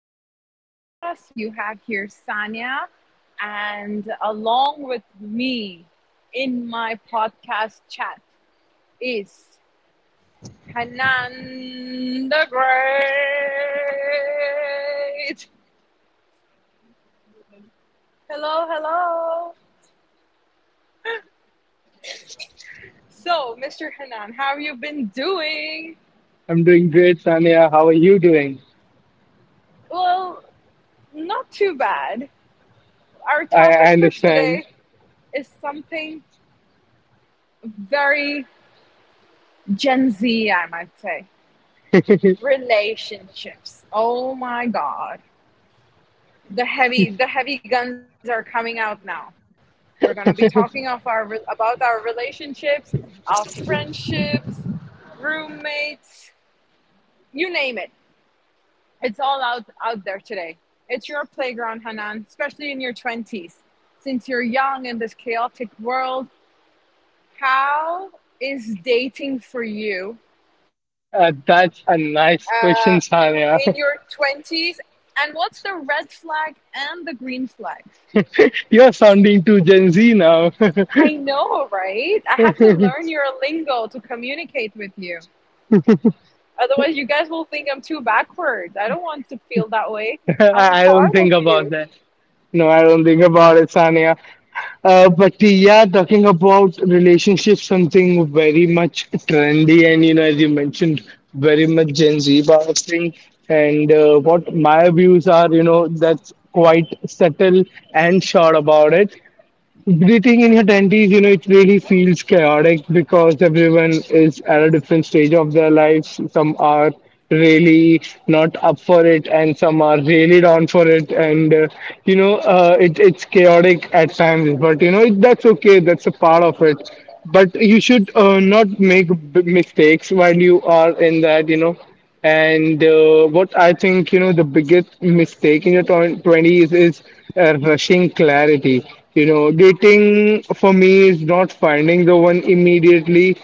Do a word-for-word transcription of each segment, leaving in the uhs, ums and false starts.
another podcast. You have here Sanya, and along with me in my podcast chat is Hanan the Great. Hello, hello. So, Mister Hanan, how have you been doing? I'm doing great, Sania. How are you doing? Well, not too bad. Our I, topic I for understand. today is something very Gen Z, I might say relationships. Oh my god. The heavy the heavy guns are coming out now. We're going to be talking of our about our relationships, our friendships, roommates, you name it. It's all out out there today. It's your playground, Hanan, especially in your twenties. Since you're young in this chaotic world, how is dating for you? Uh, that's a Uh, nice question, in your Sania. twenties, and what's the red flag and the green flag? You're sounding too Gen Z now. I know, right? I have to I learn your lingo to communicate with you, otherwise you guys will think I'm too backwards. I don't want to feel that way. I'm I don't part of think about you. that. No, I don't think about it, Sania. Uh, but yeah, talking about relationships, something very much trendy and you know, as you mentioned, very much Gen Z power thing. And uh, what my views are, you know, that's quite subtle and short about it. Breathing in your twenties, you know, it really feels chaotic because everyone is at a different stage of their lives. Some are really not up for it, and some are really down for it. And uh, you know, uh, it, it's chaotic at times, but you know, it, that's okay. That's a part of it. But you should uh, not make b- mistakes while you are in that. You know, and uh, what I think, you know, the biggest mistake in your twen- twenties is uh, rushing clarity. You know, dating for me is not finding the one immediately.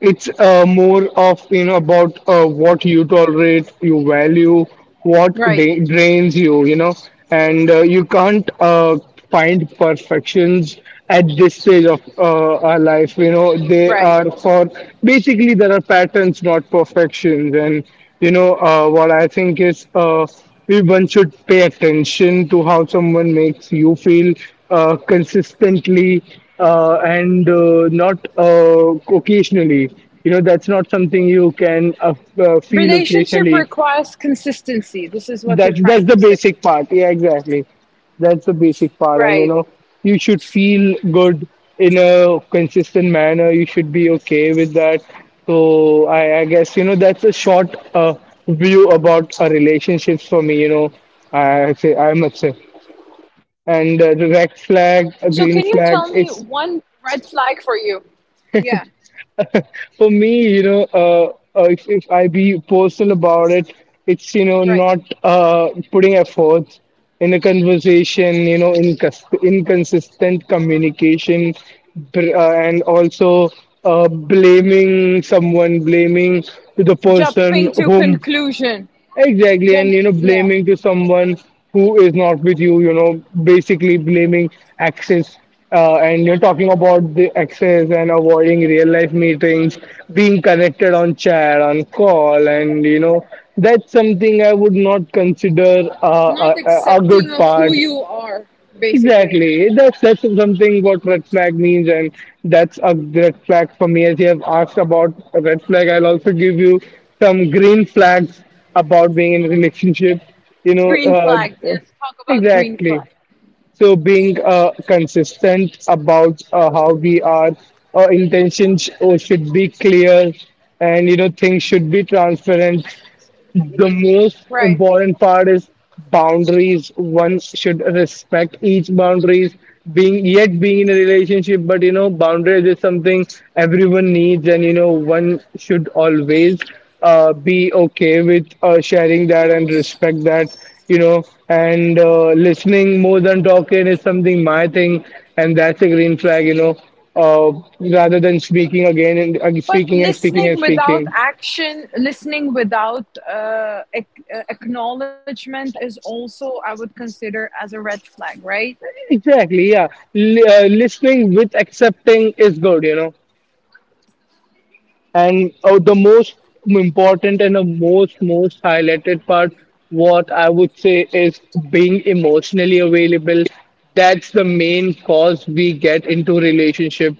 It's uh, more of, you know, about uh, what you tolerate, you value, what Right, da- drains you, you know, and uh, you can't uh, find perfections at this stage of uh, our life. You know, they right. are for basically there are patterns, not perfections. And you know, uh, what I think is uh, one should pay attention to how someone makes you feel uh, consistently uh, and uh, not uh, occasionally. You know, that's not something you can uh, uh, feel Relationship occasionally. requires consistency, this is what you're that's trying that's to the say. basic part, yeah, exactly. That's the basic part, and you Right. know, you should feel good in a consistent manner. You should be okay with that. So i, I guess you know that's a short uh, view about uh, relationships for me, you know. I say i must say. So can And you uh, the tell red me flag, one a green red flag, flag for it's you? Yeah. for me, you know, uh, uh, if, if I be personal about it, it's, you know, Right. not uh, putting efforts in a conversation, you know, incons inconsistent communication, br- uh, and also uh, blaming someone, blaming to the person Jumping to whom. conclusion. Exactly, and Jump, you know, yeah. blaming to someone who is not with you, you know, basically blaming access, uh, and you're talking about the access and avoiding real life meetings, being connected on chat, on call, and you know, that's something I would not consider uh, Not a, a a good accepting of part. who you are, basically. Exactly. That's that's something what red flag means, and that's a red flag for me. As you have asked about a red flag, I'll also give you some green flags about being in a relationship. You know, Green uh, flags, yes, talk about green exactly. flags. So being uh, consistent about uh, how we are, our intentions uh, should be clear, and you know, things should be transparent. The most Right. important part is boundaries. One should respect each boundaries. Being yet being in a relationship, but you know, boundaries is something everyone needs, and you know, one should always uh, be okay with uh, sharing that and respect that. You know, and uh, listening more than talking is something my thing, and that's a green flag. You know, uh, rather than speaking again and uh, But speaking and speaking and listening without speaking. action, listening without uh, ac- uh, acknowledgement is also, I would consider, as a red flag, right? Exactly, yeah. L- uh, listening with accepting is good, you know. And uh, the most important and the most most highlighted part, what I would say is being emotionally available. That's the main cause we get into relationship.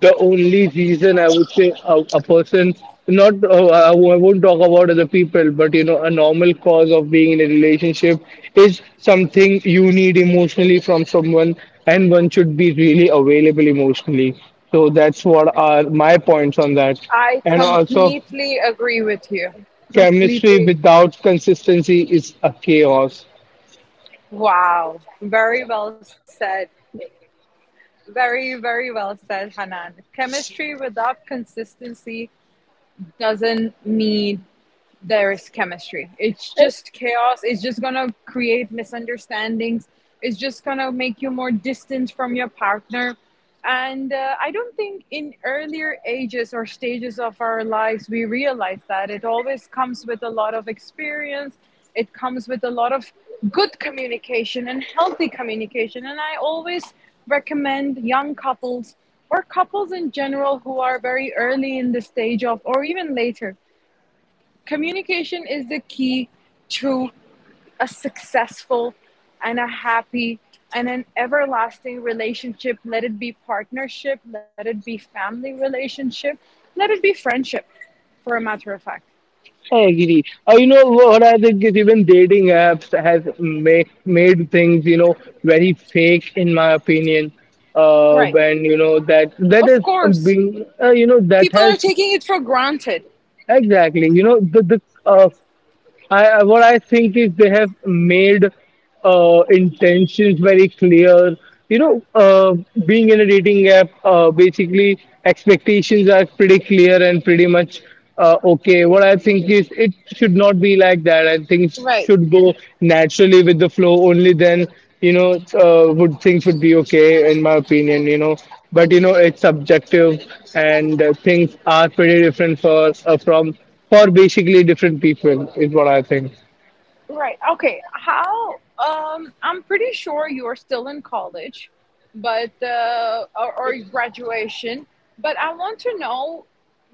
The only reason I would say a, a person, not uh, I won't talk about other people, but you know, a normal cause of being in a relationship is something you need emotionally from someone, and one should be really available emotionally. So that's what are my points on that. I And also, completely agree with you. chemistry Completely. without consistency is a chaos. Wow. Very well said. Very, very well said, Hanan. Chemistry without consistency doesn't mean there is chemistry. It's just chaos. It's just gonna create misunderstandings. It's just gonna make you more distant from your partner. And uh, I don't think in earlier ages or stages of our lives we realize that. It always comes with a lot of experience, it comes with a lot of good communication and healthy communication. And I always recommend young couples or couples in general who are very early in the stage of, or even later, communication is the key to a successful and a happy and an everlasting relationship. Let it be partnership, let it be family relationship, let it be friendship, for a matter of fact. I agree. Uh, you know what I think is even dating apps has make, made things, you know, very fake in my opinion. Uh, Right. When you know that that Of is um, course, being uh, you know that people are has taking it for granted. exactly, you know, the the uh, I I- what I think is they have made uh, intentions very clear. You know, uh, being in a dating app, uh, basically expectations are pretty clear and pretty much uh, okay. What I think is it should not be like that, and things Right. should go naturally with the flow. Only then, you know, uh, would things would be okay, in my opinion. You know, but you know, it's subjective, and uh, things are pretty different for uh, from for basically different people is what I think. Right. Okay. How? Um, I'm pretty sure you're still in college, but uh, or, or graduation. But I want to know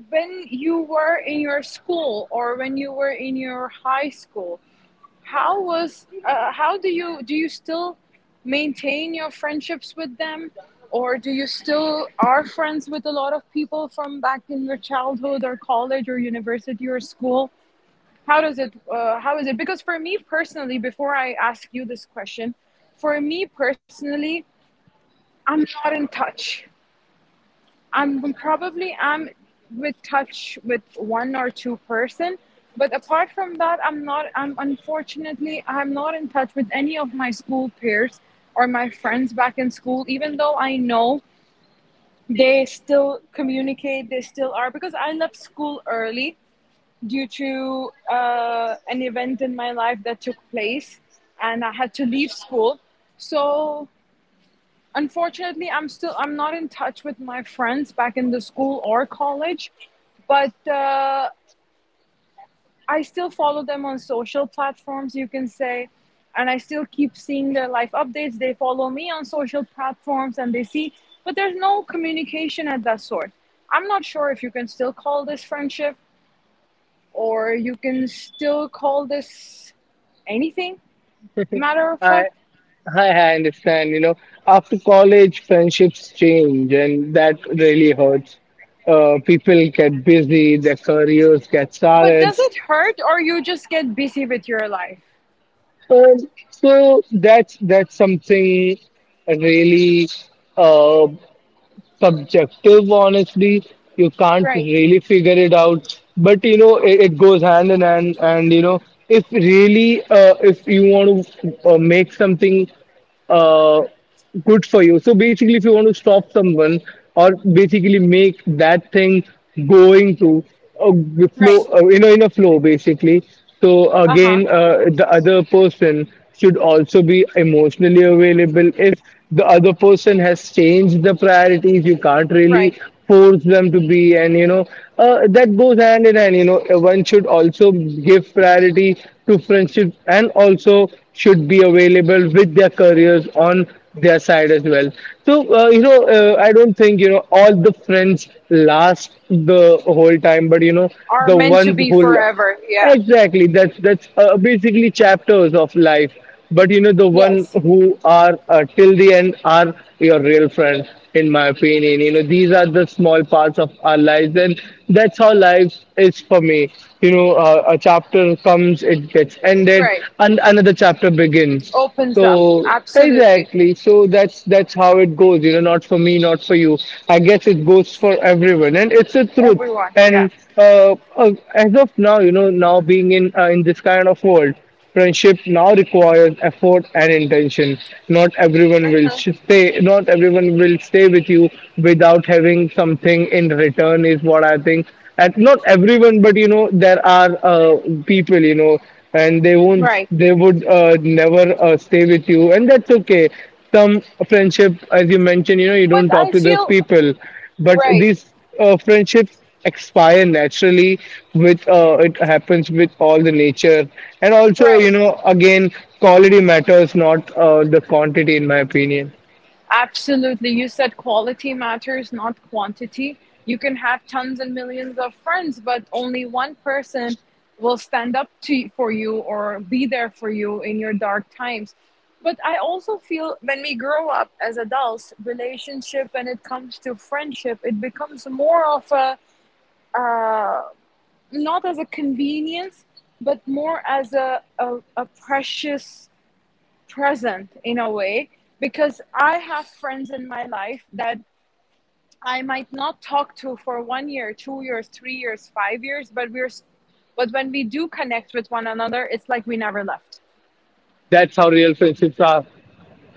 when you were in your school or when you were in your high school. How was? Uh, how do you do? You still maintain your friendships with them, or do you still are friends with a lot of people from back in your childhood or college or university or school? How does it uh, how is it? Because for me personally, before I ask you this question, for me personally, I'm not in touch. I'm probably i'm with touch with one or two person, but apart from that, I'm not I'm unfortunately I'm not in touch with any of my school peers or my friends back in school. Even though I know they still communicate, they still are, because I left school early due to uh, an event in my life that took place, and I had to leave school. So unfortunately, I'm still I'm not in touch with my friends back in the school or college, but uh, I still follow them on social platforms. You can say. And I still keep seeing their life updates. They follow me on social platforms and they see, but there's no communication at that sort. I'm not sure if you can still call this friendship or you can still call this anything, matter of I fact. I I understand. You know, after college, friendships change, and that really hurts. Uh, people get busy, their careers get But started. does it hurt or you just get busy with your life? Um so that's that's something really. Uh, Subjective honestly, you can't Right, really figure it out, but you know it, it goes hand in hand, and you know, if really uh, if you want to uh, make something uh, good for you. So basically, if you want to stop someone or basically make that thing going to a g- right. flow, uh, you know, in a flow, basically. So Uh huh. again, uh, the other person should also be emotionally available. If the other person has changed the priorities, you can't Right. really force them to be, and you know, uh, that goes hand in hand. You know, Uh, one should also give priority to friendship and also should be available with their careers on their side as well. So uh, you know, uh, I don't think you know all the friends last the whole time, but you know Are the meant to ones be who forever. Yeah. exactly that's that's uh, basically chapters of life. But you know the one Yes. who are uh, till the end are your real friends, in my opinion. You know these are the small parts of our lives, and that's how life is for me. You know, uh, a chapter comes, it gets ended, Right. and another chapter begins. Opens up. So Absolutely. exactly. So that's that's how it goes, you know, not for me, not for you. I guess it goes for everyone, and it's a truth. Everyone. Yeah. And uh, uh, as of now, you know, now being in uh, in this kind of world, friendship now requires effort and intention. Not everyone will sh- stay. Not everyone will stay with you without having something in return. Is what I think. And not everyone, but you know, there are uh, people, you know, and they won't Right. they would uh, never uh, stay with you, and that's okay. Some friendship, as you mentioned, you know, you But don't talk I to those feel people, but right, these uh, friendships expire naturally with uh, it happens with all the nature, and also right. you know again quality matters, not uh, the quantity, in my opinion. Absolutely. You said quality matters, not quantity. You can have tons and millions of friends, but only one person will stand up to for you or be there for you in your dark times. But I also feel when we grow up as adults, relationship when it comes to friendship, it becomes more of a uh, not as a convenience, but more as a, a, a precious present in a way, because I have friends in my life that I might not talk to for one year, two years, three years, five years, but we're but when we do connect with one another, it's like we never left. That's how real friendships are.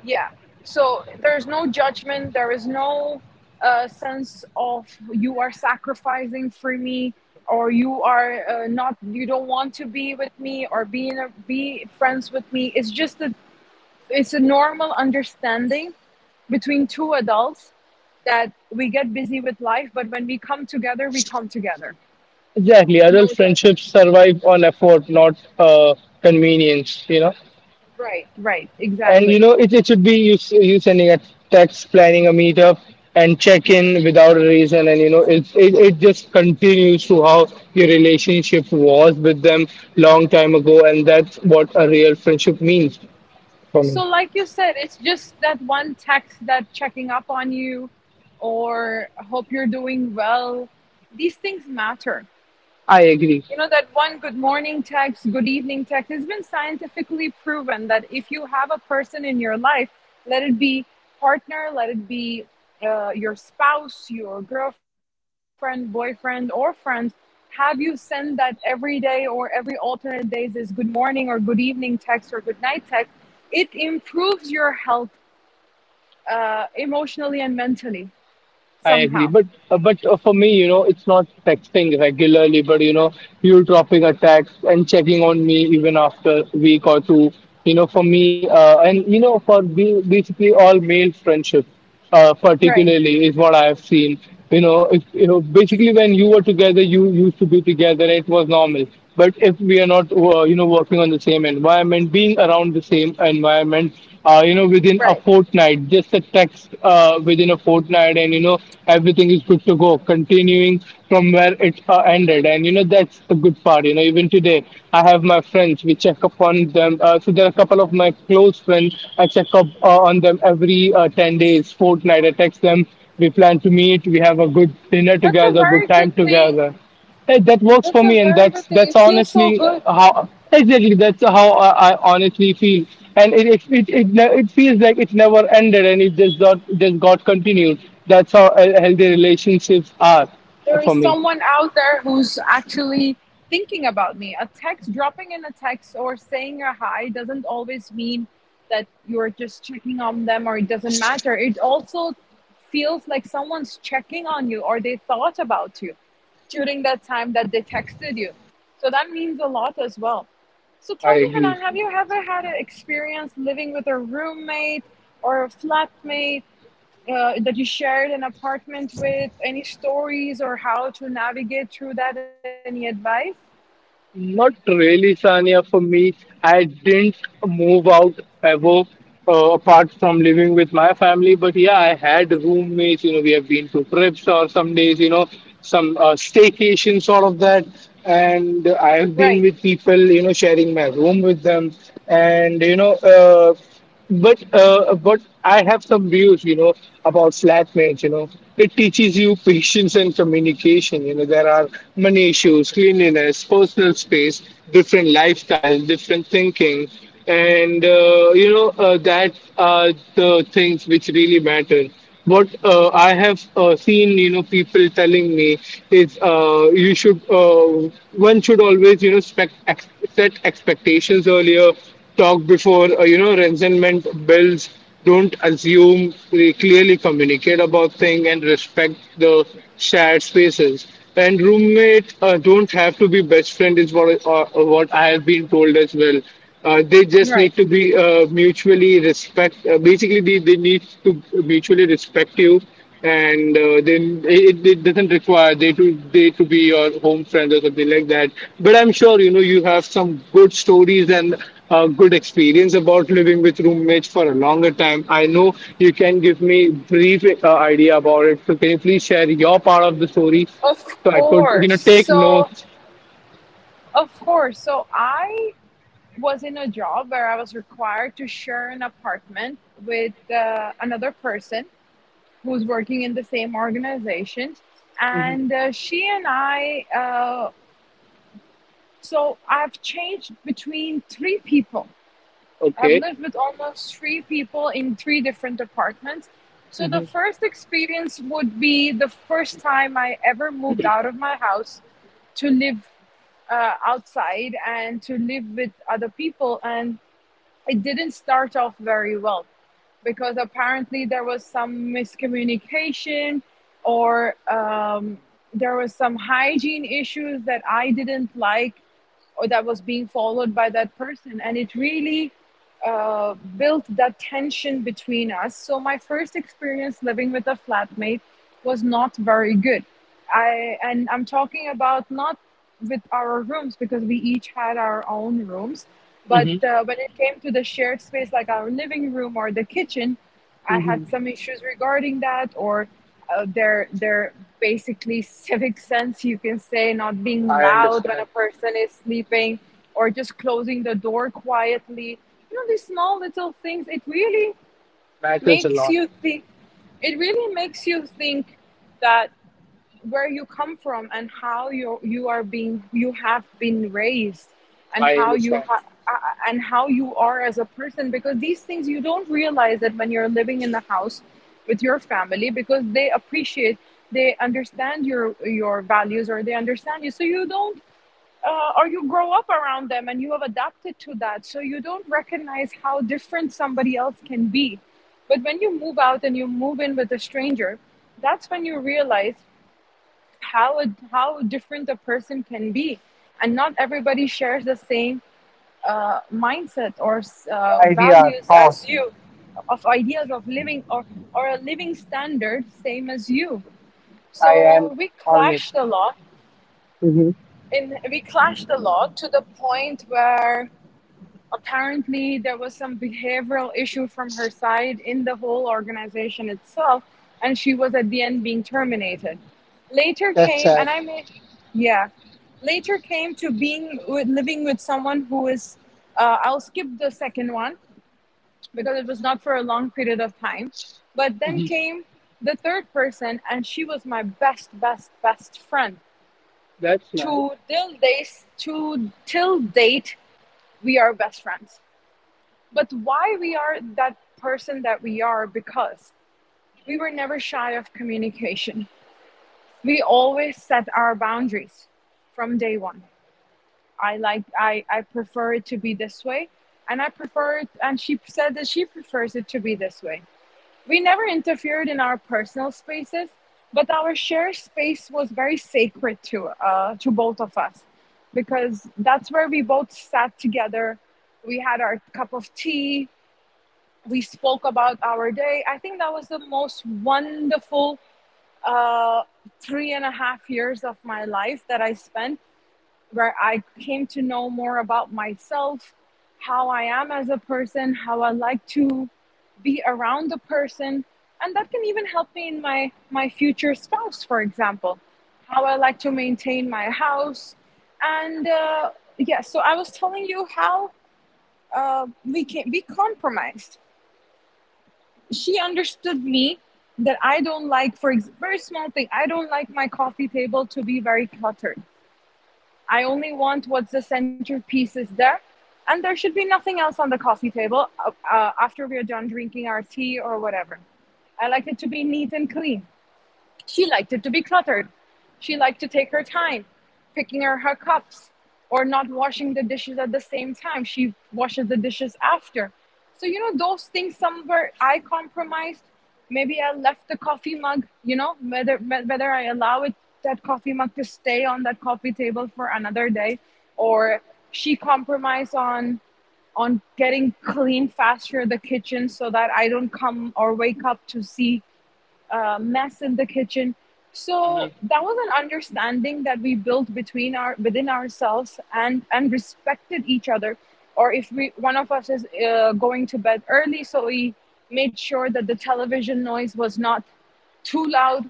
Yeah. So there's no judgment. There is no uh, sense of you are sacrificing for me, or you are uh, not. You don't want to be with me, or be in a, be friends with me. It's just that it's a normal understanding between two adults that we get busy with life, but when we come together, we come together. Exactly, adult No judgment. friendships survive on effort, not uh, convenience, you know. Right, right, And you exactly. know, it, it should be you, s- you sending a text, planning a meetup, and check in without a reason. And you know, it, it, it just continues to how your relationship was with them long time ago. And that's what a real friendship means for me. So, like you said, it's just that one text, that checking up on you or hope you're doing well. These things matter. I agree. You know, that one good morning text, good evening text, it has been scientifically proven that if you have a person in your life, let it be partner, let it be uh, your spouse, your girlfriend, boyfriend, or friends, have you send that every day or every alternate days as good morning or good evening text or good night text, it improves your health uh, emotionally and mentally I agree, somehow. but uh, but uh, for me, you know, it's not texting regularly, but you know, you dropping a text and checking on me even after a week or two. You know, for me, uh, and you know, for be- basically all male friendships, uh, Right, particularly is what I have seen. You know, if you know, basically when you were together, you used to be together, it was normal, but if we are not uh, you know, working on the same environment, being around the same environment, uh, you know, within a right. fortnight, just a text uh, within a fortnight, and you know, everything is good to go, continuing from where it uh, ended. And you know, that's the good part. You know, even today, I have my friends, we check up on them. Uh, so there are a couple of my close friends, I check up uh, on them every uh, ten days fortnight, I text them, we plan to meet, we have a good dinner That's a together, good very time good thing. together. Hey, that works for That's a me, and very that's good thing. that's It feels so honestly good. how exactly that's how I, I honestly feel, and it it, it it ne- it feels like it never ended, and it just got just got continued. That's how uh, healthy relationships are There for is me. someone out there who's actually thinking about me. A text, dropping in a text or saying a hi doesn't always mean that you're just checking on them or it doesn't matter. It also feels like someone's checking on you or they thought about you during that time that they texted you. So that means a lot as well. So I tell me, agree. Hanan, have you ever had an experience living with a roommate or a flatmate uh, that you shared an apartment with? Any stories or how to navigate through that? Any advice? Not really, Sania. For me, I didn't move out ever uh, apart from living with my family. But yeah, I had roommates. You know, we have been to trips or some days, you know, some uh, staycation sort of that. And I Right, have been with people, you know, sharing my room with them. And, you know, uh but uh, but I have some views, you know, about flatmates. You know, it teaches you patience and communication. You know, there are money issues, cleanliness, personal space, different lifestyle, different thinking, and uh, you know uh, that are the things which really matter. What uh, I have uh, seen, you know, people telling me is uh, you should uh, one should always, you know, spec- ex- set expectations earlier. Talk before, uh, you know, resentment builds. Don't assume, they clearly communicate about things and respect the shared spaces. And roommate uh, don't have to be best friend, is what uh, what I have been told as well. Uh, they just right. need to be, uh, mutually respect, uh, basically they, they need to mutually respect you. And uh, Then it, it doesn't require they to they to be your home friends or something like that. But I'm sure, you know, you have some good stories and uh, good experience about living with roommates for a longer time. I know you can give me brief uh, idea about it. So can you please share your part of the story, Of so I could, you course. know, take So, notes. of course. So, I was in a job where I was required to share an apartment with uh, another person who's working in the same organization. And Hmm. uh, she and I, uh, so I've changed between three people. I've Okay. lived with almost three people in three different apartments. So the Hmm. first experience would be the first time I ever moved out of my house to live uh, outside and to live with other people. And it didn't start off very well because apparently there was some miscommunication or um, there was some hygiene issues that I didn't like or that was being followed by that person. And it really uh, built that tension between us. So my first experience living with a flatmate was not very good. I and I'm talking about not with our rooms because we each had our own rooms, but Hmm. uh, when it came to the shared space like our living room or the kitchen, I had Hmm. some issues regarding that, or uh, their their basically civic sense, you can say, not being I loud when a understand. person is sleeping, or just closing the door quietly. You know, these small little things. It really Matters a makes lot. you think. It really makes you think that where you come from and how you you are being you have been raised, and I how you understand. ha- uh, and how you are as a person, because these things you don't realize that when you're living in the house with your family, because they appreciate, they understand your your values or they understand you, so you don't uh, or you grow up around them and you have adapted to that, so you don't recognize how different somebody else can be. But when you move out and you move in with a stranger, that's when you realize how how different a person can be, and not everybody shares the same uh, mindset or uh, Idea, values thought. as you, of ideas of living or or a living standard same as you. I am So we honest. clashed a lot, Mhm. and we clashed a lot to the point where apparently there was some behavioral issue from her side in the whole organization itself, and she was at the end being terminated. Later That's came sad. and I may, yeah, later came to being with, living with someone who is uh, I'll skip the second one because it was not for a long period of time. But then Hmm. came the third person, and she was my best best best friend. That's To nice. till days to till date, we are best friends. But why we are that person that we are, because we were never shy of communication. We always set our boundaries from day one. I like, i i prefer it to be this way, and I prefer it, and she said that she prefers it to be this way. We never interfered in our personal spaces, but our shared space was very sacred to uh to both of us, because that's where we both sat together. We had our cup of tea. We spoke about our day. I think that was the most wonderful uh, three and a half years of my life that I spent, where I came to know more about myself, how I am as a person, how I like to be around a person, and that can even help me in my my future spouse, for example, how I like to maintain my house, and uh, yeah. So I was telling you how uh, we can we compromised. She understood me that I don't like, for ex- very small thing, I don't like my coffee table to be very cluttered. I only want what's the centerpiece is there, and there should be nothing else on the coffee table uh, uh, after we are done drinking our tea or whatever. I like it to be neat and clean. She liked it to be cluttered. She liked to take her time, picking her, her cups, or not washing the dishes at the same time. She washes the dishes after. So, you know, those things somewhere I compromised. Maybe I left the coffee mug, you know, whether, whether I allow it, that coffee mug to stay on that coffee table for another day, or she compromised on on getting clean faster the kitchen so that I don't come or wake up to see uh, mess in the kitchen. So Hmm. that was an understanding that we built between our within ourselves and and respected each other. Or if we one of us is uh, going to bed early, so we made sure that the television noise was not too loud,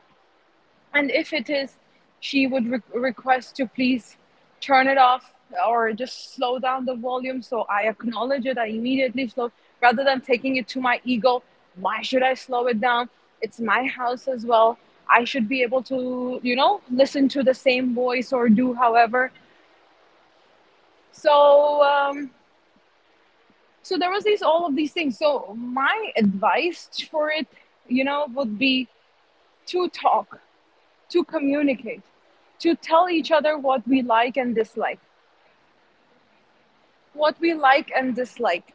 and if it is, she would re- request to please turn it off or just slow down the volume. So I acknowledge it, I immediately slow, rather than taking it to my ego, why should I slow it down, it's my house as well, I should be able to, you know, listen to the same voice or do however. So um so there was these all of these things. So my advice for it, you know, would be to talk, to communicate, to tell each other what we like and dislike, what we like and dislike,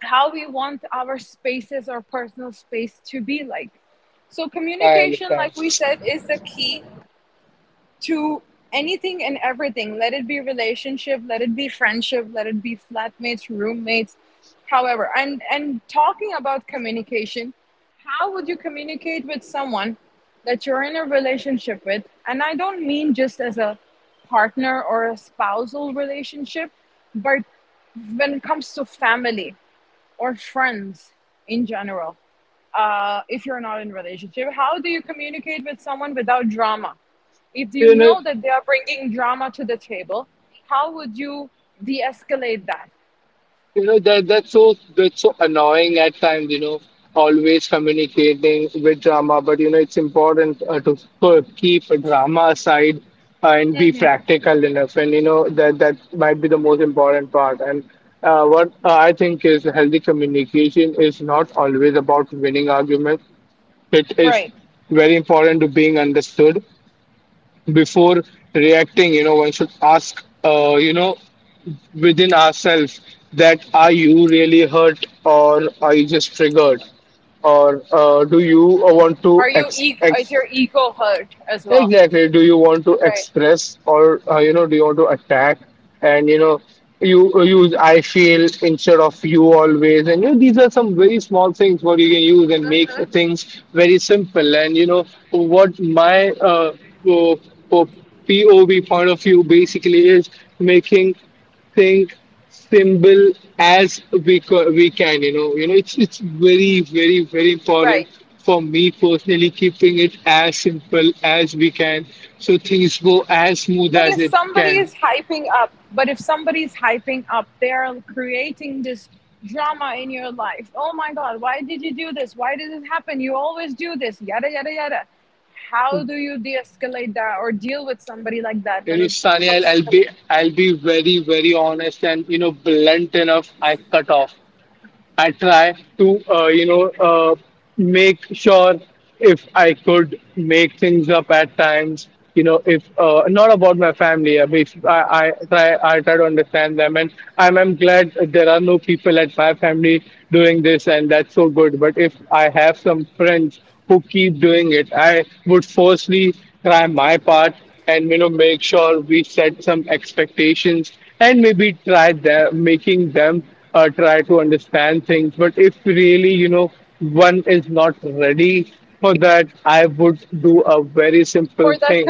how we want our spaces or personal space to be like. So, I communication, understand. like we said, is the key to anything and everything. Let it be relationship, let it be friendship, let it be flatmates, roommates, however. And and talking about communication, how would you communicate with someone that you're in a relationship with? And I don't mean just as a partner or a spousal relationship, but when it comes to family or friends in general. Uh, if you're not in a relationship, how do you communicate with someone without drama, if you You know, know that they are bringing drama to the table? How would you de-escalate that? you know, that that's so that's so annoying at times. You know, always communicating with drama. But you know, it's important uh, to k- keep drama aside uh, and be Hmm. practical enough. And you know, that that might be the most important part. And uh, what I think is, healthy communication is not always about winning arguments. It is Right. very important to being understood before reacting. You know, one should ask, uh, you know, within ourselves, that are you really hurt or are you just triggered? Or uh, do you want to Are you ex- e- is ex- your ego hurt as well? Exactly. Do you want to Right. express, or uh, you know, do you want to attack? And you know, you use "I feel" instead of "you always", and you know, these are some very small things what you can use and make things very simple. And you know, what my uh, uh, P O V, point of view basically, is making think simple as we co- we can. You know, you know, it's it's very, very, very Right. important for me personally, keeping it as simple as we can, so things go as smooth But as if it somebody can. is hyping up, but if somebody's hyping up, they're creating this drama in your life. Oh my God, why did you do this? Why did it happen? You always do this, yada, yada, yada. How do you de escalate that or deal with somebody like that You when know, it Sunny, I'll, comes to I'll commu- be i'll be very, very honest and you know, blunt enough. I cut off. I try to, uh, you know, uh, make sure, if I could make things up at times. You know, if, uh, not about my family, I, I I try I try to understand them. And I'm I'm glad there are no people at my family doing this, and that's so good. But if I have some friends who keep doing it, I would firstly try my part and you know, make sure we set some expectations, and maybe try them, making them uh, try to understand things. But if really, you know, one is not ready for that, I would do a very simple for that thing.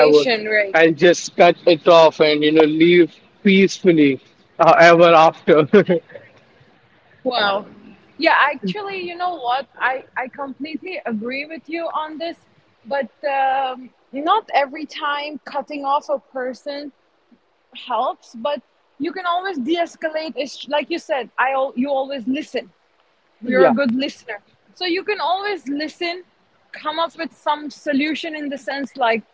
i would right? I'll just cut it off and you know, leave peacefully, uh, ever after. Wow. Yeah, actually, you know what? I, I completely agree with you on this, but um, not every time cutting off a person helps, but you can always de-escalate. It's like you said, I you always listen. You're a Yeah. good listener, so you can always listen, come up with some solution, in the sense like,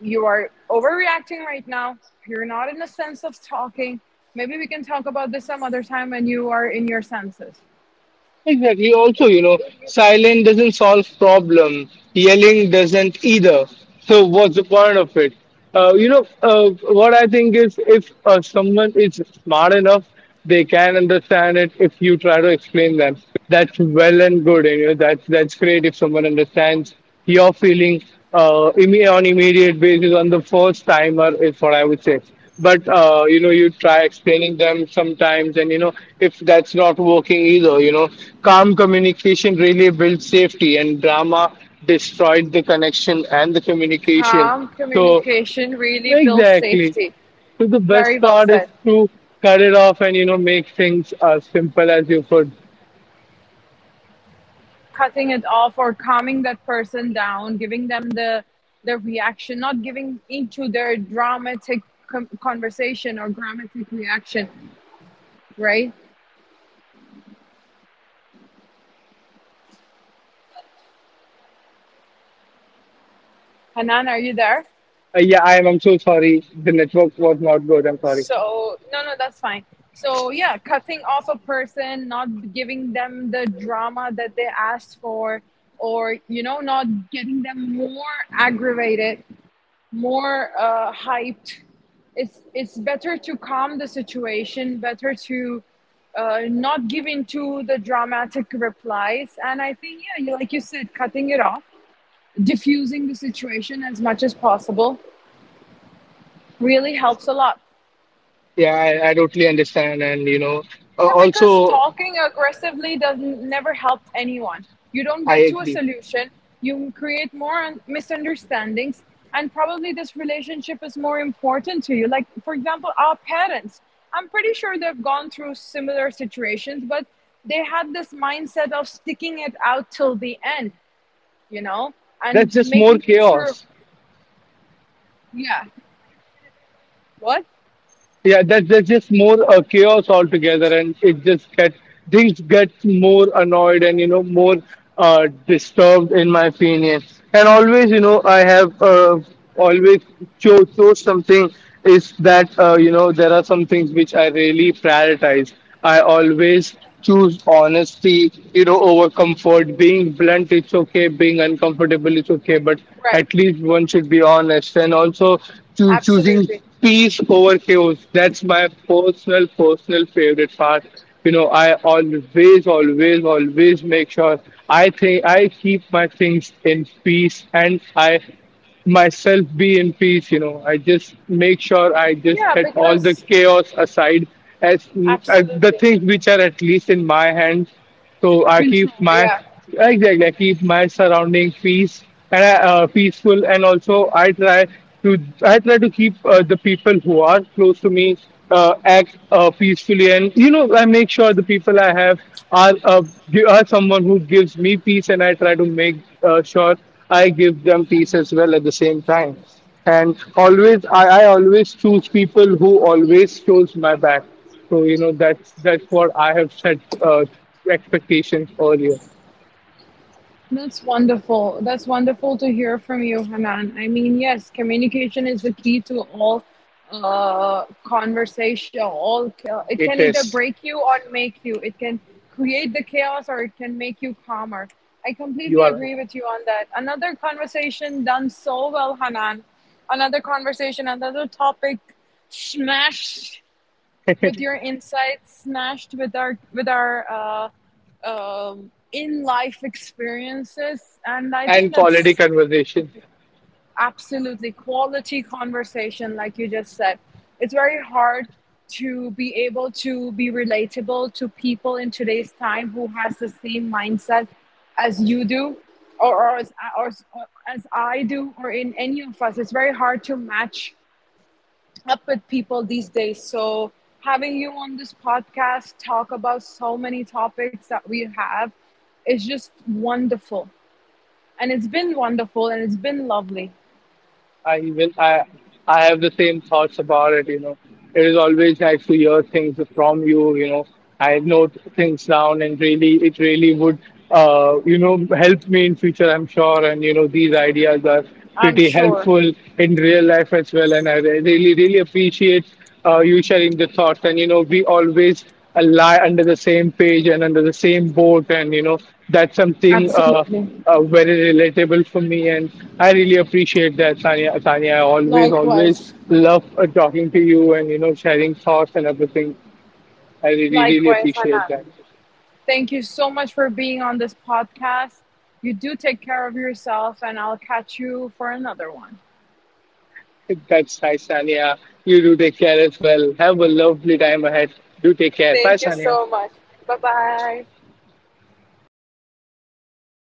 you are overreacting right now. You're not in the sense of talking. Maybe we can talk about this some other time when you are in your senses. Exactly. Also, It, you know, it, silence doesn't solve problem. Yelling doesn't either. So what's the point of it? Uh, you know, uh, what I think is, if uh, someone is smart enough, they can understand it. If you try to explain them, that's well and good. And you know, that's that's great if someone understands your are feeling uh, imme- on immediate basis, on the first timer, is what I would say. But uh, you know, you try explaining them sometimes, and you know, if that's not working either, you know, calm communication really builds safety, and drama destroyed the connection and the communication. calm So communication really builds exactly. safety. So the best Very well part is said. to cut it off, and you know, make things as simple as you could. Cutting it off, or calming that person down, giving them the the reaction, not giving into their dramatic com- conversation or dramatic reaction, right? Hanan, are you there? Uh, yeah, I'm. I'm so sorry. The network was not good. I'm sorry. So no, no, that's fine. So yeah, cutting off a person, not giving them the drama that they asked for, or you know, not getting them more aggravated, more uh, hyped. It's it's better to calm the situation, better to uh, not give into the dramatic replies. And I think, yeah, you, like you said, cutting it off, diffusing the situation as much as possible really helps a lot. Yeah, I, I totally understand. And, you know, uh, Yeah, because also, talking aggressively doesn't never help anyone. You don't I get to a agree. solution. You create more un- misunderstandings, and probably this relationship is more important to you. Like, for example, our parents. I'm pretty sure they've gone through similar situations, but they had this mindset of sticking it out till the end, you know, That's and just more making it through. chaos. Yeah. What? Yeah, that's that's just more a chaos altogether, and it just get things get more annoyed and you know, more uh, disturbed in my opinion. And always, you know, I have, uh, always chose, chose something. Is that, uh, you know, there are some things which I really prioritize. I always choose honesty, you know, over comfort. Being blunt, it's okay. Being uncomfortable, it's okay. But Right. at least one should be honest. And also choo- choosing Absolutely. peace over chaos. That's my personal, personal favorite part. You know, I always, always, always make sure, I think, I keep my things in peace and I myself be in peace. You know, I just make sure I just Yeah, set all the because chaos aside as, as the absolutely things which are at least in my hands, so I keep control. my, Yeah. exactly, I keep my surrounding peace, and I, uh, peaceful. And also, I try to, I try to keep uh, the people who are close to me, uh, act uh, peacefully. And you know, I make sure the people I have are uh, gi- are someone who gives me peace, and I try to make uh, sure I give them peace as well at the same time. And always I, I always choose people who always shows my back, so you know, that's that's what I have set uh, expectations earlier. That's wonderful. That's wonderful to hear from you, Hanan. I mean, yes, communication is the key to all uh, conversation. All ca- it can It either is. break you or make you. It can create the chaos or it can make you calmer. I You completely are agree with you on that. Another conversation done so well, Hanan. Another conversation, another topic smashed right. with your insights, smashed with our with our uh, um, in life experiences, and I And think quality that's conversation. absolutely quality conversation, like you just said. It's very hard to be able to be relatable to people in today's time who has the same mindset as you do, or, or, as, or as I do, or in any of us. It's very hard to match up with people these days. So, having you on this podcast talk about so many topics that we have is just wonderful. And it's been wonderful and it's been lovely. I even I I have the same thoughts about it. You know, it is always nice to hear things from you. You know, I note things down, and really, it really would, uh, you know, help me in future, I'm sure. And you know, these ideas are I'm pretty sure. helpful in real life as well. And I re- really, really appreciate uh, you sharing the thoughts. And you know, we always uh, lie under the same page and under the same boat, and you know, that's something, uh, Absolutely. uh, very relatable for me, and I really appreciate that, Sanya. Sanya, I always, always Likewise. love uh, talking to you, and you know, sharing thoughts and everything. I really, really Likewise, appreciate Hanan. that. Thank you so much for being on this podcast. You do take care of yourself, and I'll catch you for another one. That's nice, Sanya. You do take care as well. Have a lovely time ahead. Do take care. Bye, Thank you Sanya. so much. Bye bye.